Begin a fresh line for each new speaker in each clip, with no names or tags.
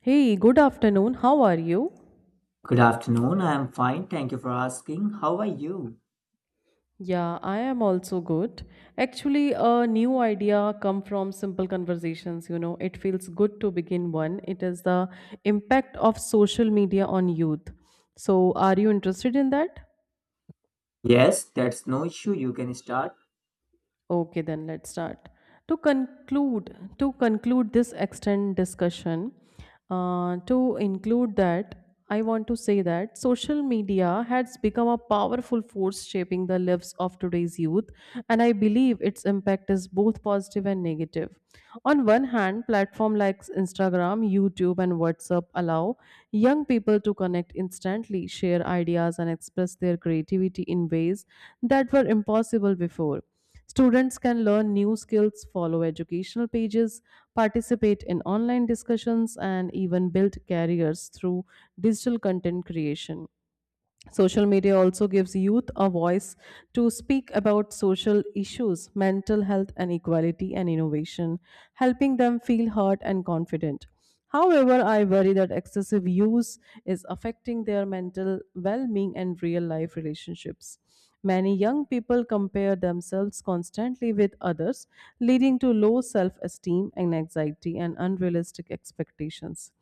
Hey, good afternoon. How are you?
Good afternoon. I am fine. Thank you for asking. How are you?
Yeah, I am also good. Actually, a new idea come from simple conversations, you know. It feels good to begin one. It is the impact of social media on youth. So, are you interested in that?
Yes, that's no issue. You can start.
Okay, then let's start. To conclude this extended discussion, to include that, I want to say that social media has become a powerful force shaping the lives of today's youth, and I believe its impact is both positive and negative. On one hand, platforms like Instagram, YouTube, and WhatsApp allow young people to connect instantly, share ideas, and express their creativity in ways that were impossible before. Students can learn new skills, follow educational pages, participate in online discussions, and even build careers through digital content creation. Social media also gives youth a voice to speak about social issues, mental health and equality and innovation, helping them feel heard and confident. However, I worry that excessive use is affecting their mental well being and real life relationships. Many young people compare themselves constantly with others, leading to low self esteem and anxiety and unrealistic expectations.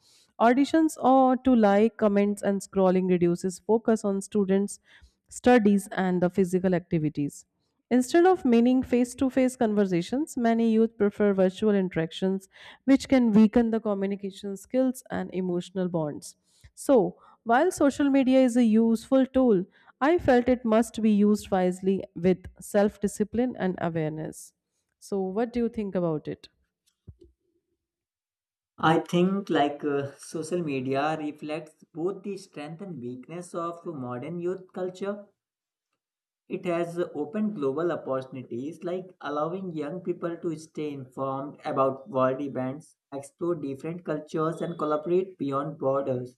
Auditions or to like, comments, and scrolling reduces focus on students' studies and the physical activities. Instead of meaning face to face conversations, many youth prefer virtual interactions, which can weaken the communication skills and emotional bonds. So, while social media is a useful tool, I felt it must be used wisely with self discipline and awareness. So, what do you think about it?
I think social media reflects both the strength and weakness of modern youth culture. It has opened global opportunities like allowing young people to stay informed about world events, explore different cultures and collaborate beyond borders.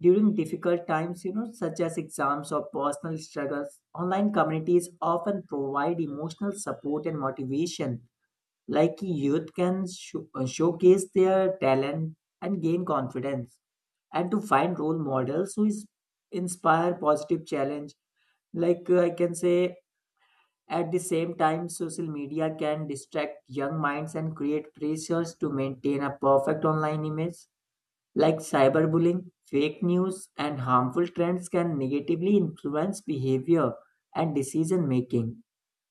During difficult times, you know, such as exams or personal struggles, online communities often provide emotional support and motivation. Like youth can showcase their talent and gain confidence, and to find role models who is inspire positive challenge. I can say, at the same time, social media can distract young minds and create pressures to maintain a perfect online image like cyberbullying, fake news, and harmful trends can negatively influence behavior and decision making.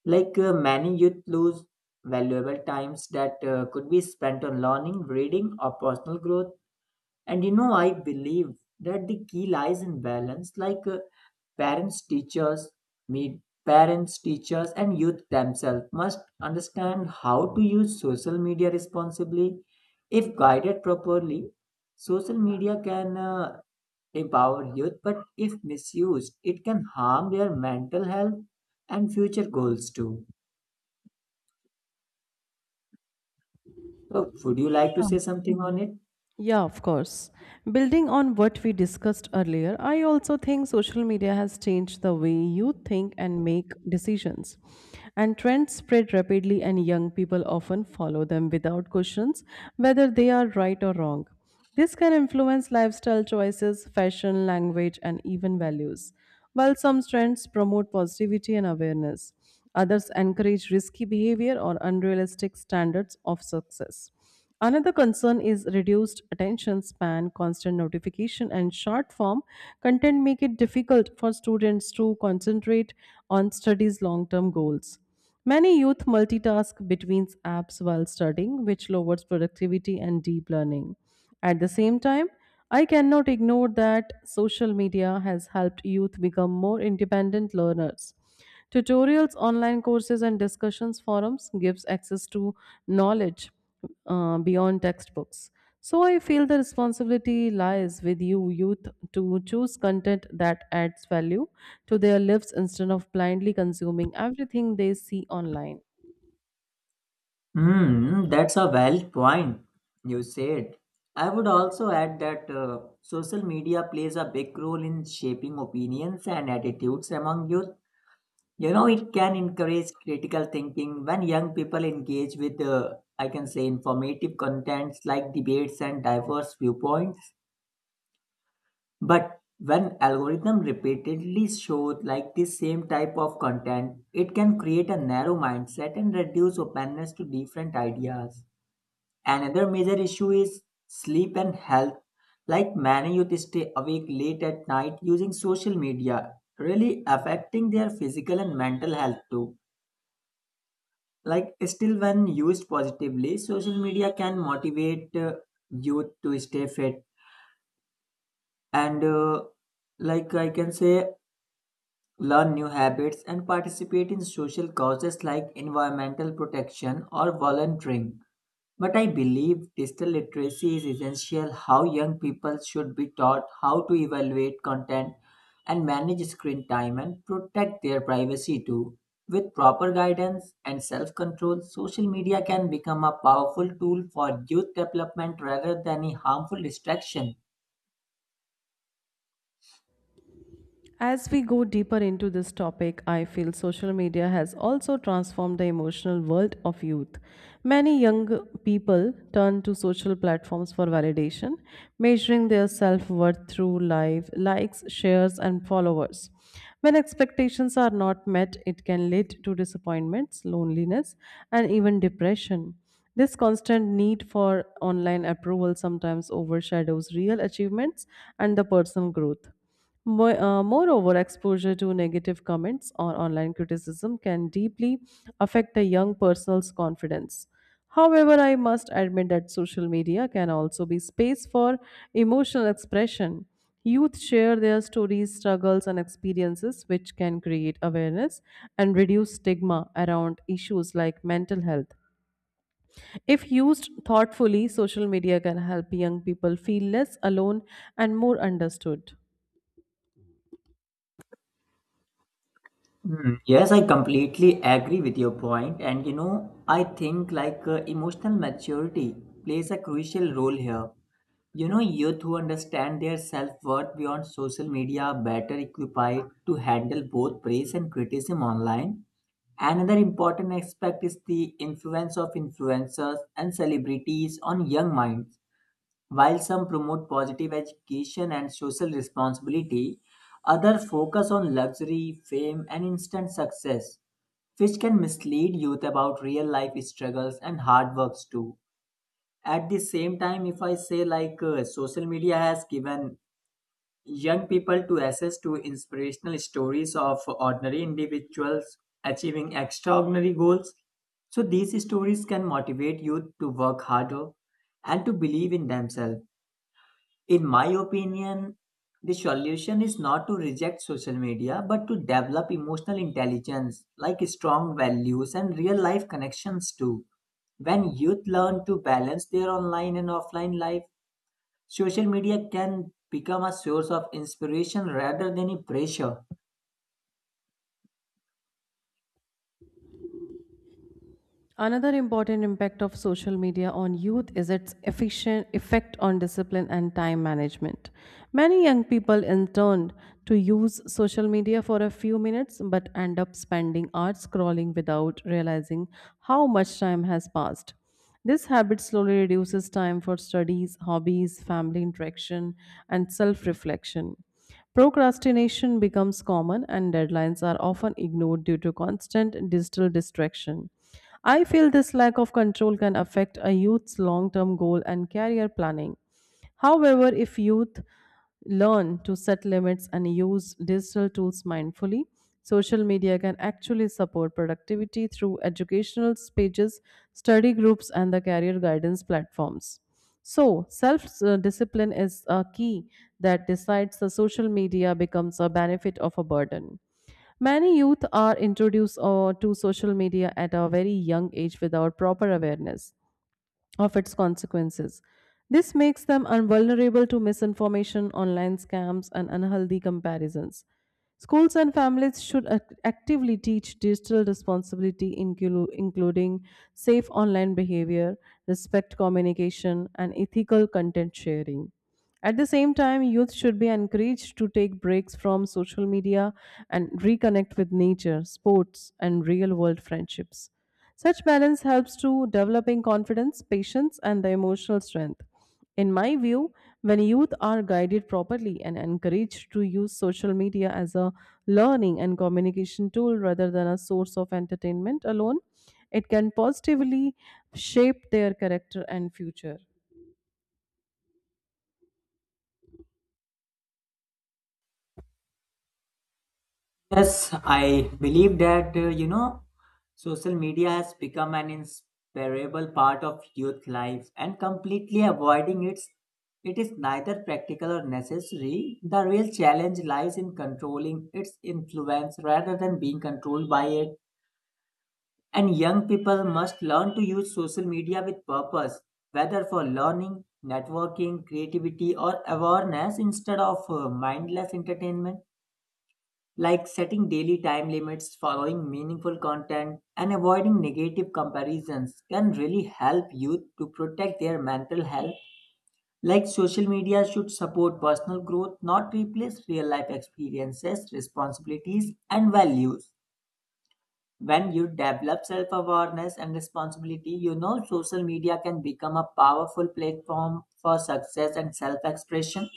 Many youth lose valuable times that could be spent on learning, reading, or personal growth. And you know, I believe that the key lies in balance. Parents, teachers, meet parents, teachers, and youth themselves must understand how to use social media responsibly. If guided properly, social media can empower youth, but if misused, it can harm their mental health and future goals too. So, would you like to say something on it?
Yeah, of course. Building on what we discussed earlier, I also think social media has changed the way you think and make decisions. And trends spread rapidly, and young people often follow them without questions whether they are right or wrong. This can influence lifestyle choices, fashion, language, and even values, while some trends promote positivity and awareness. Others encourage risky behavior or unrealistic standards of success. Another concern is reduced attention span, constant notification, and short form content make it difficult for students to concentrate on studies' long term goals. Many youth multitask between apps while studying, which lowers productivity and deep learning. At the same time, I cannot ignore that social media has helped youth become more independent learners. Tutorials, online courses, and discussions forums gives access to knowledge beyond textbooks. So I feel the responsibility lies with you youth to choose content that adds value to their lives instead of blindly consuming everything they see online.
Hmm, hmm, that's a valid point you said. I would also add that social media plays a big role in shaping opinions and attitudes among youth. You know, it can encourage critical thinking when young people engage with, I can say, informative contents like debates and diverse viewpoints. But when algorithm repeatedly shows like the same type of content, it can create a narrow mindset and reduce openness to different ideas. Another major issue is sleep and health. Like many youth stay awake late at night using social media, really affecting their physical and mental health too. Like still when used positively, social media can motivate youth to stay fit and like I can say learn new habits and participate in social causes like environmental protection or volunteering. But I believe digital literacy is essential how young people should be taught how to evaluate content and manage screen time and protect their privacy too. With proper guidance and self control, social media can become a powerful tool for youth development rather than a harmful distraction.
As we go deeper into this topic, I feel social media has also transformed the emotional world of youth. Many young people turn to social platforms for validation, measuring their self worth through live likes, shares, and followers. When expectations are not met, it can lead to disappointments, loneliness, and even depression. This constant need for online approval sometimes overshadows real achievements and the personal growth. Moreover, exposure to negative comments or online criticism can deeply affect a young person's confidence. However, I must admit that social media can also be space for emotional expression. Youth share their stories, struggles, and experiences, which can create awareness and reduce stigma around issues like mental health. If used thoughtfully, social media can help young people feel less alone and more understood.
Hmm, yes, I completely agree with your point, and you know, I think emotional maturity plays a crucial role here. You know, youth who understand their self worth beyond social media are better equipped to handle both praise and criticism online. Another important aspect is the influence of influencers and celebrities on young minds. While some promote positive education and social responsibility, others focus on luxury, fame, and instant success, which can mislead youth about real life struggles and hard works too at the same time if I say social media has given young people to access to inspirational stories of ordinary individuals achieving extraordinary goals so these stories can motivate youth to work harder and to believe in themselves in my opinion, the solution is not to reject social media but to develop emotional intelligence like strong values and real life connections too. When youth learn to balance their online and offline life, social media can become a source of inspiration rather than a pressure.
Another important impact of social media on youth is its efficient effect on discipline and time management. Many young people intend to use social media for a few minutes but end up spending hours scrolling without realizing how much time has passed. This habit slowly reduces time for studies, hobbies, family interaction, and self reflection. Procrastination becomes common, and deadlines are often ignored due to constant digital distraction. I feel this lack of control can affect a youth's long term goal and career planning. However, if youth learn to set limits and use digital tools mindfully, social media can actually support productivity through educational pages, study groups, and the career guidance platforms. So, self discipline is a key that decides the social media becomes a benefit of a burden. Many youth are introduced to social media at a very young age without proper awareness of its consequences. This makes them vulnerable to misinformation, online scams, and unhealthy comparisons. Schools and families should actively teach digital responsibility, including safe online behavior, respect communication, and ethical content sharing. At the same time, youth should be encouraged to take breaks from social media and reconnect with nature, sports, and real world friendships. Such balance helps to developing confidence, patience, and the emotional strength. In my view, when youth are guided properly and encouraged to use social media as a learning and communication tool rather than a source of entertainment alone, it can positively shape their character and future.
Yes, I believe that, you know, social media has become an inseparable part of youth life and completely avoiding it, it is neither practical or necessary. The real challenge lies in controlling its influence rather than being controlled by it. And young people must learn to use social media with purpose, whether for learning, networking, creativity, or awareness instead of mindless entertainment like setting daily time limits, following meaningful content, and avoiding negative comparisons can really help youth to protect their mental health. Like social media should support personal growth, not replace real life experiences, responsibilities, and values. When you develop self awareness and responsibility, you know social media can become a powerful platform for success and self expression.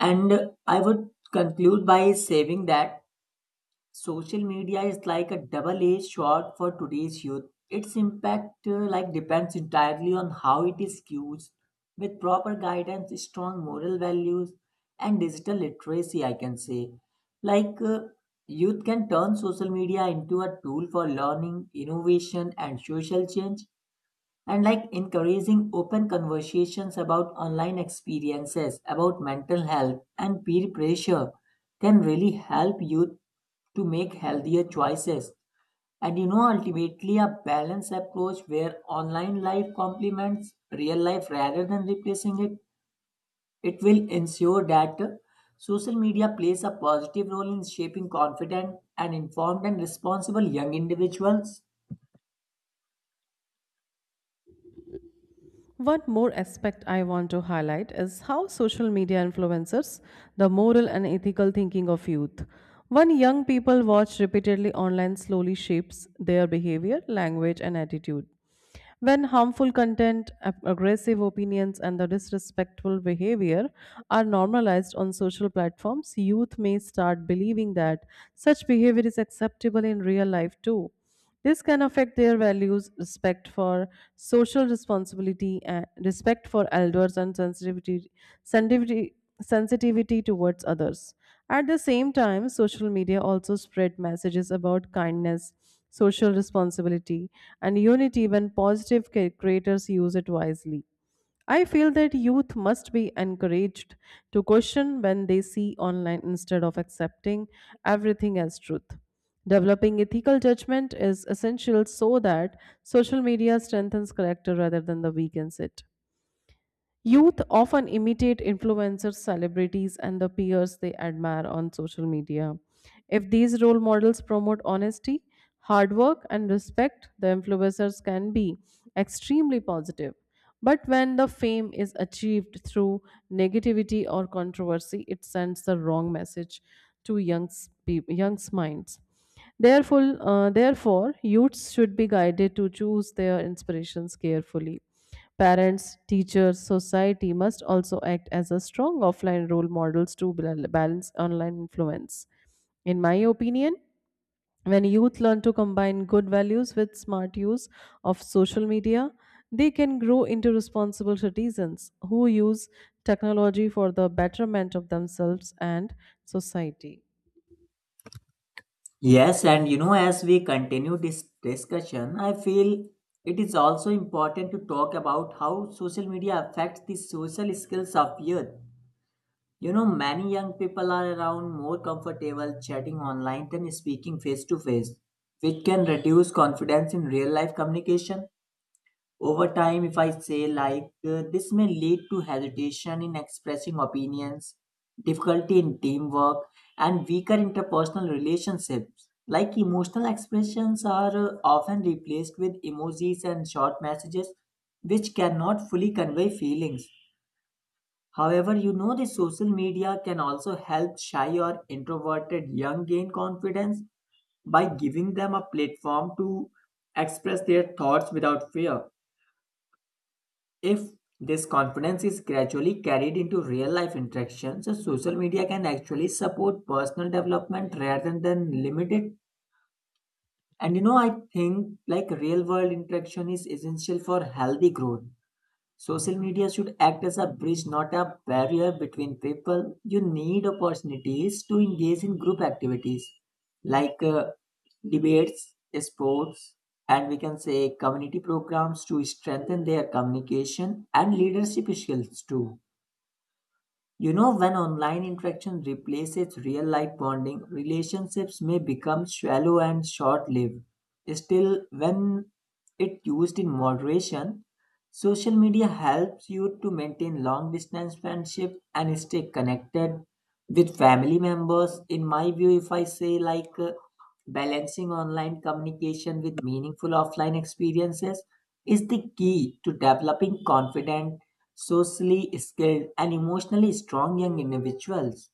And I would conclude by saying that social media is like a double-edged sword for today's youth. Its impact like depends entirely on how it is used. With proper guidance, strong moral values, and digital literacy, I can say, like uh, youth can turn social media into a tool for learning, innovation, and social change and like encouraging open conversations about online experiences, about mental health and peer pressure can really help youth to make healthier choices. And you know, ultimately, a balanced approach where online life complements real life rather than replacing it, it will ensure that social media plays a positive role in shaping confident and informed and responsible young individuals.
One more aspect I want to highlight is how social media influences the moral and ethical thinking of youth. When young people watch repeatedly online slowly shapes their behavior, language, and attitude. When harmful content, aggressive opinions, and the disrespectful behavior are normalized on social platforms, youth may start believing that such behavior is acceptable in real life too. This can affect their values, respect for social responsibility, and respect for elders, and sensitivity, sensitivity towards others. At the same time, social media also spread messages about kindness, social responsibility, and unity when positive ca- creators use it wisely. I feel that youth must be encouraged to question when they see online instead of accepting everything as truth. Developing ethical judgment is essential so that social media strengthens character rather than the weakens it. Youth often imitate influencers, celebrities, and the peers they admire on social media. If these role models promote honesty, hard work, and respect, the influencers can be extremely positive. But when the fame is achieved through negativity or controversy, it sends the wrong message to young young's minds. Therefore, youths should be guided to choose their inspirations carefully. Parents, teachers, society must also act as a strong offline role models to balance online influence. In my opinion, when youth learn to combine good values with smart use of social media, they can grow into responsible citizens who use technology for the betterment of themselves and society.
Yes, and you know, as we continue this discussion, I feel it is also important to talk about how social media affects the social skills of youth. You know, many young people are around more comfortable chatting online than speaking face to face, which can reduce confidence in real life communication. Over time, if I say this may lead to hesitation in expressing opinions, difficulty in teamwork, and weaker interpersonal relationships. Like emotional expressions are often replaced with emojis and short messages, which cannot fully convey feelings. However, you know the social media can also help shy or introverted young gain confidence by giving them a platform to express their thoughts without fear. If this confidence is gradually carried into real life interactions, so social media can actually support personal development rather than limit it. And you know, I think like real world interaction is essential for healthy growth. Social media should act as a bridge, not a barrier between people. You need opportunities to engage in group activities like uh, debates, sports, and we can say community programs to strengthen their communication and leadership skills too. You know, when online interaction replaces real life bonding, relationships may become shallow and short lived. Still, when it used in moderation, social media helps you to maintain long distance friendship and stay connected with family members. In my view, if I say balancing online communication with meaningful offline experiences is the key to developing confident, socially skilled, and emotionally strong young individuals.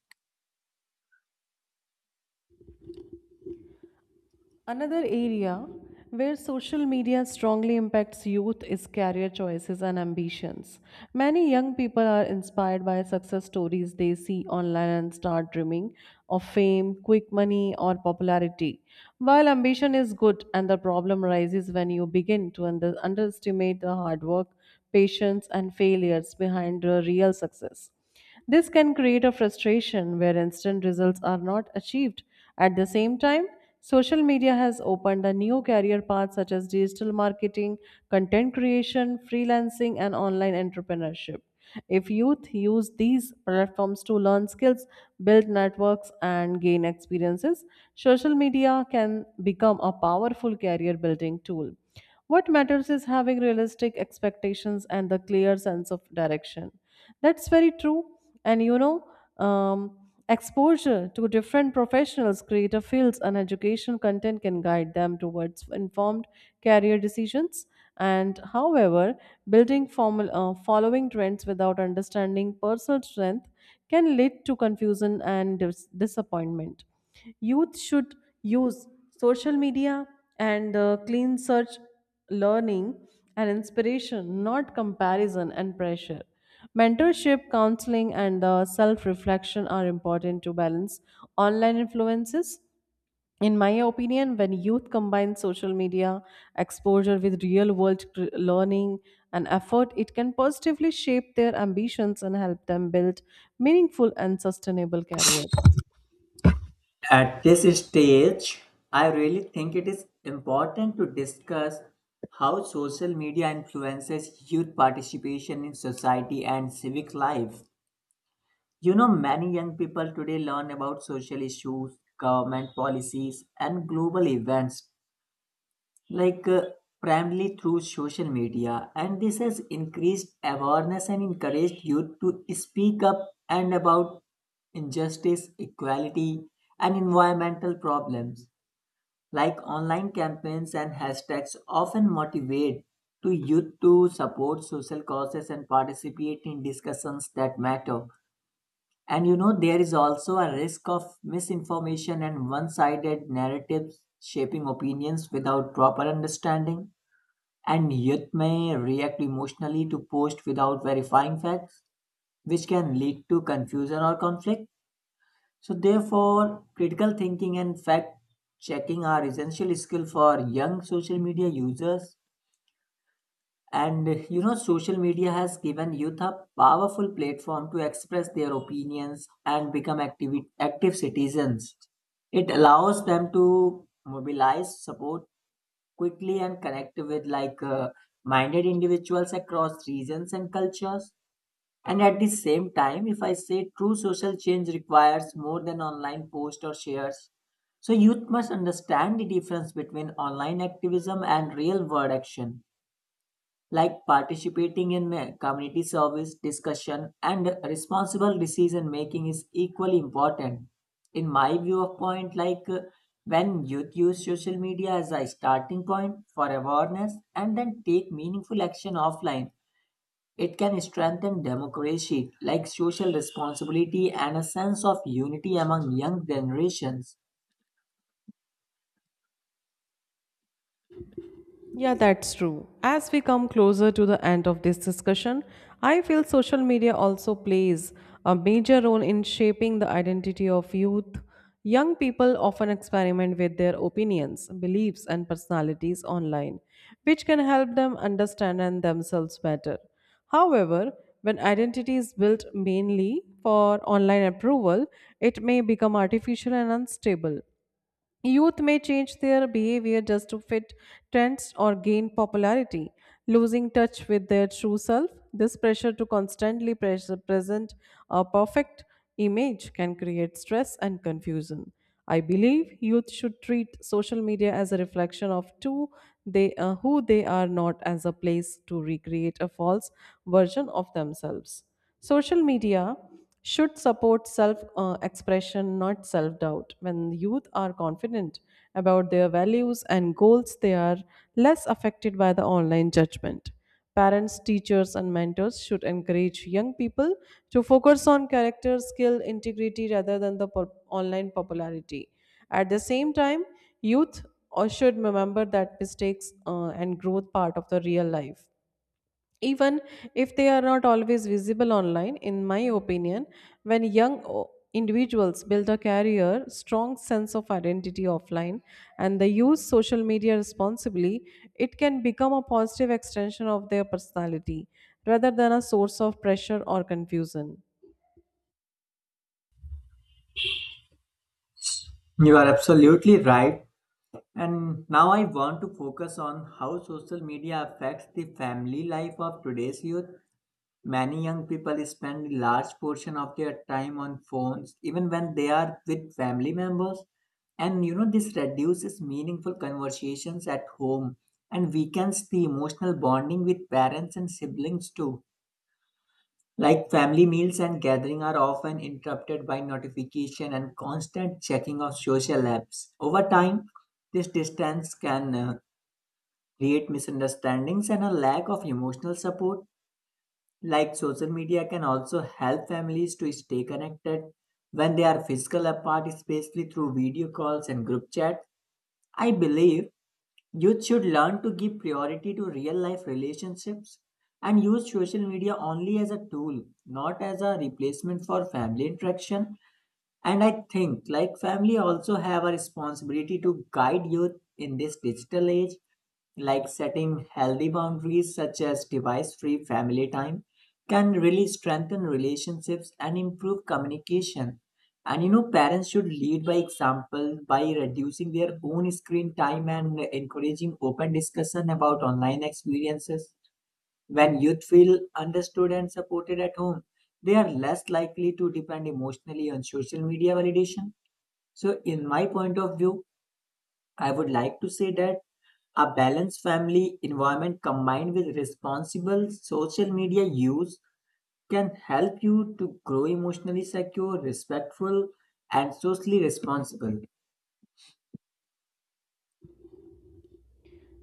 Another area where social media strongly impacts youth is career choices and ambitions. Many young people are inspired by success stories they see online and start dreaming of fame, quick money, or popularity. While ambition is good, and the problem arises when you begin to underestimate the hard work, patience, and failures behind the real success. This can create a frustration where instant results are not achieved. At the same time, social media has opened a new career path such as digital marketing, content creation, freelancing, and online entrepreneurship. If youth use these platforms to learn skills, build networks, and gain experiences, social media can become a powerful career building tool. What matters is having realistic expectations and the clear sense of direction. That's very true. And you know, um, exposure to different professionals, creative fields, and education content can guide them towards informed career decisions. And however, building formal, following trends without understanding personal strength can lead to confusion and disappointment. Youth should use social media and clean search learning and inspiration not comparison and pressure mentorship counseling and self reflection are important to balance online influences. In my opinion, when youth combine social media exposure with real world learning and effort, it can positively shape their ambitions and help them build meaningful and sustainable careers.
At this stage, I really think it is important to discuss how social media influences youth participation in society and civic life. You know, many young people today learn about social issues, government policies, and global events like uh, primarily through social media and this has increased awareness and encouraged youth to speak up and about injustice equality and environmental problems like online campaigns and hashtags often motivate to youth to support social causes and participate in discussions that matter and you know there is also a risk of misinformation and one-sided narratives shaping opinions without proper understanding and youth may react emotionally to posts without verifying facts, which can lead to confusion or conflict. So, therefore, critical thinking and fact checking are essential skills for young social media users. And you know, social media has given youth a powerful platform to express their opinions and become active citizens. It allows them to mobilize support quickly and connect with minded individuals across regions and cultures. And at the same time, if I say true social change requires more than online posts or shares, so youth must understand the difference between online activism and real world action like participating in community service discussion and responsible decision making is equally important in my view of point when youth use social media as a starting point for awareness and then take meaningful action offline it can strengthen democracy like social responsibility and a sense of unity among young generations.
Yeah, that's true. As we come closer to the end of this discussion, I feel social media also plays a major role in shaping the identity of youth. Young people often experiment with their opinions, beliefs, and personalities online, which can help them understand and themselves better. However, when identity is built mainly for online approval, it may become artificial and unstable. Youth may change their behavior just to fit trends or gain popularity, losing touch with their true self. This pressure to constantly present a perfect image can create stress and confusion. I believe youth should treat social media as a reflection of who they are, not as a place to recreate a false version of themselves. Social media should support self expression, not self doubt. When youth are confident about their values and goals, they are less affected by the online judgment. Parents, teachers, and mentors should encourage young people to focus on character, skill, integrity rather than the online popularity. At the same time, youth should remember that mistakes and growth part of the real life even if they are not always visible online. In my opinion, when young individuals build a career strong sense of identity offline and they use social media responsibly, it can become a positive extension of their personality rather than a source of pressure or confusion.
You are absolutely right. And now I want to focus on how social media affects the family life of today's youth. Many young people spend a large portion of their time on phones, even when they are with family members. And you know, this reduces meaningful conversations at home and weakens the emotional bonding with parents and siblings too. Like family meals and gathering are often interrupted by notification and constant checking of social apps. Over time, this distance can create misunderstandings and a lack of emotional support like social media can also help families to stay connected when they are physical apart, especially through video calls and group chats. I believe youth should learn to give priority to real life relationships and use social media only as a tool, not as a replacement for family interaction. And I think like family also have a responsibility to guide youth in this digital age, like setting healthy boundaries such as device free family time can really strengthen relationships and improve communication. And you know, parents should lead by example by reducing their own screen time and encouraging open discussion about online experiences. When youth feel understood and supported at home, they are less likely to depend emotionally on social media validation. So, in my point of view, I would like to say that a balanced family environment combined with responsible social media use can help you to grow emotionally secure, respectful, and socially responsible.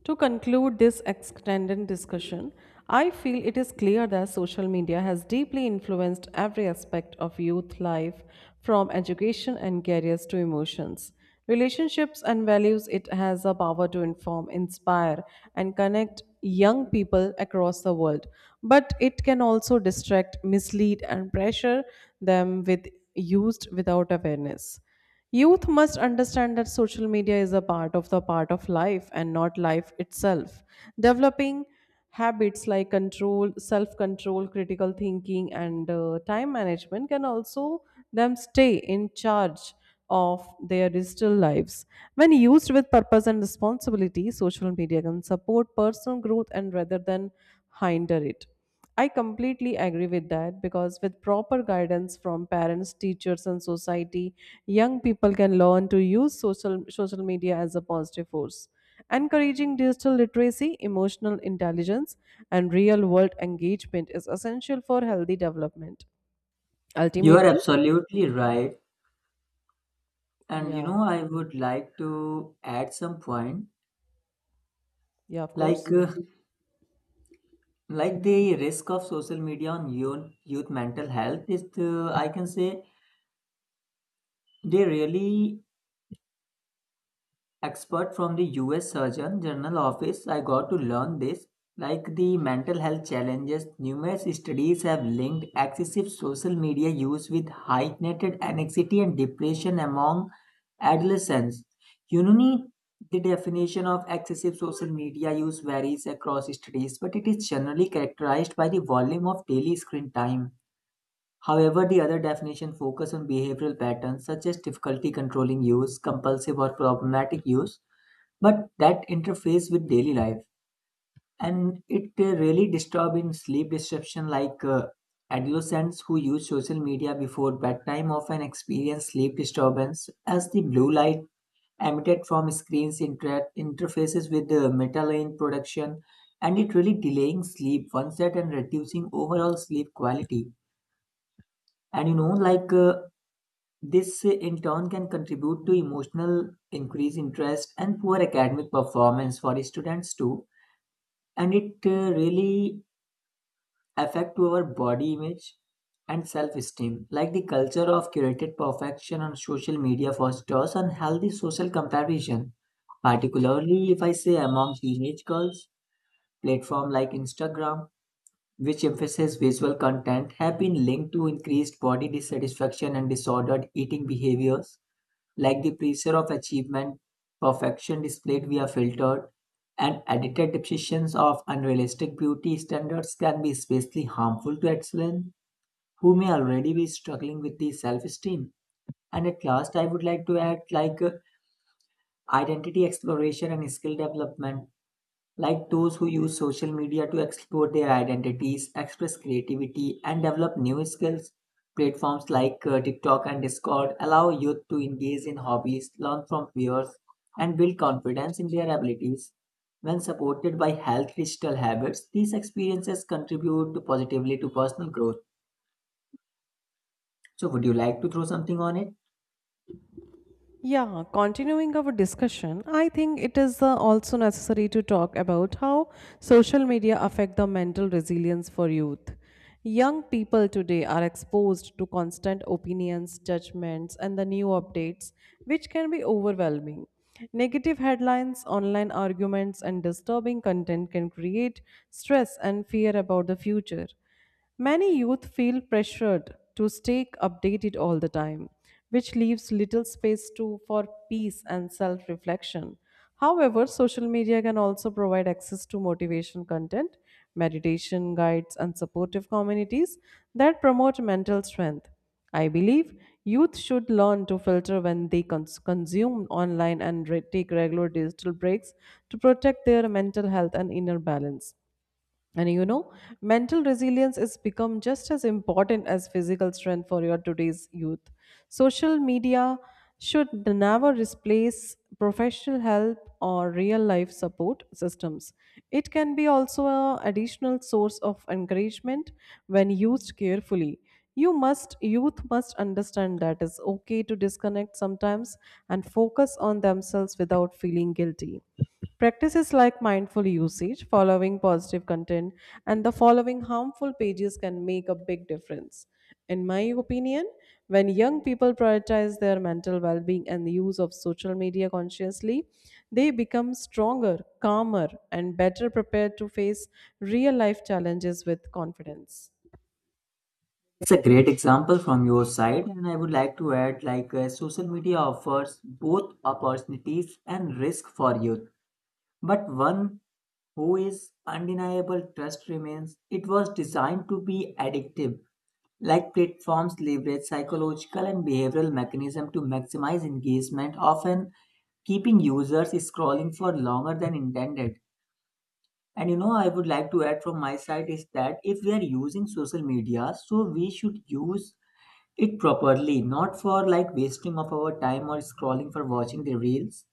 To conclude this extended discussion, I feel it is clear that social media has deeply influenced every aspect of youth life, from education and careers to emotions, relationships, and values. It has a power to inform, inspire, and connect young people across the world. But it can also distract, mislead, and pressure them with used without awareness. Youth must understand that social media is a part of life and not life itself. Developing habits like self control, critical thinking, and time management can also them stay in charge of their digital lives. When used with purpose and responsibility, social media can support personal growth and rather than hinder it. I completely agree with that because with proper guidance from parents, teachers, and society, young people can learn to use social media as a positive force. Encouraging digital literacy, emotional intelligence, and real world engagement is essential for healthy development.
You are
Ultimately,
absolutely right. And you
yeah,
know, I would like to add some point.
yeah, of course.
Like, uh, like the risk of social media on youth mental health is, I can say, they really expert from the US Surgeon General office. I got to learn this, like the mental health challenges. Numerous studies have linked excessive social media use with heightened anxiety and depression among adolescents. You know, need, the definition of excessive social media use varies across studies, but it is generally characterized by the volume of daily screen time. However, the other definition focus on behavioral patterns such as difficulty controlling use, compulsive or problematic use, but that interface with daily life. And it really disturbs in sleep disruption. Adolescents who use social media before bedtime often experience sleep disturbance, as the blue light emitted from screens interfaces with the melanin production, and it really delaying sleep onset and reducing overall sleep quality. And you know, like this in turn can contribute to emotional increased interest and poor academic performance for students too. And it really affect to our body image and self-esteem, like the culture of curated perfection on social media fosters unhealthy social comparison, particularly if I say among teenage girls. Platform like Instagram, which emphasize visual content, have been linked to increased body dissatisfaction and disordered eating behaviors, like the pressure of achievement, perfection displayed via filtered and edited depictions of unrealistic beauty standards can be especially harmful to excellence who may already be struggling with the self-esteem. And at last, I would like to add, identity exploration and skill development, like those who use social media to explore their identities, express creativity, and develop new skills. Platforms like TikTok and Discord allow youth to engage in hobbies, learn from peers, and build confidence in their abilities. When supported by health digital habits, these experiences contribute to positively to personal growth. So, would you like to throw something on it?
Yeah, continuing our discussion, I think it is also necessary to talk about how social media affect the mental resilience for youth. Young people today are exposed to constant opinions, judgments, and the new updates, which can be overwhelming. Negative headlines, online arguments, and disturbing content can create stress and fear about the future. Many youth feel pressured to stay updated all the time, which leaves little space to for peace and self-reflection. However, social media can also provide access to motivation content, meditation guides, and supportive communities that promote mental strength. I believe youth should learn to filter when they consume online and take regular digital breaks to protect their mental health and inner balance. And you know, mental resilience is become just as important as physical strength for your today's youth. Social media should never replace professional help or real life support systems. It can be also an additional source of encouragement when used carefully. Youth must understand that it's okay to disconnect sometimes and focus on themselves without feeling guilty. Practices like mindful usage, following positive content and the following harmful pages can make a big difference. In my opinion, when young people prioritize their mental well being and the use of social media consciously, they become stronger, calmer, and better prepared to face real life challenges with confidence.
It's a great example from your side, and I would like to add social media offers both opportunities and risk for youth. But one who is undeniable trust remains. It was designed to be addictive, like platforms leverage psychological and behavioral mechanism to maximize engagement, often keeping users scrolling for longer than intended. And you know, I would like to add from my side is that if we are using social media, so we should use it properly, not for like wasting of our time or scrolling for watching the reels.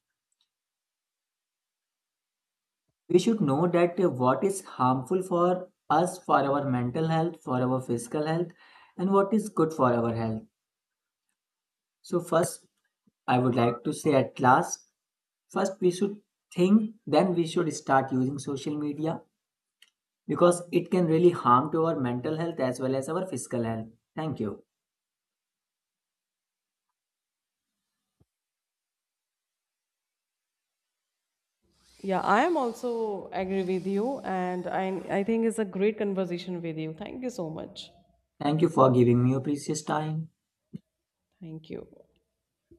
We should know that what is harmful for us, for our mental health, for our physical health, and what is good for our health. So first, I would like to say, at last, first we should think, then we should start using social media, because it can really harm to our mental health as well as our physical health. Thank you.
Yeah, I am also agree with you, and I think it's a great conversation with you. Thank you so much.
Thank you for giving me your precious time.
Thank you.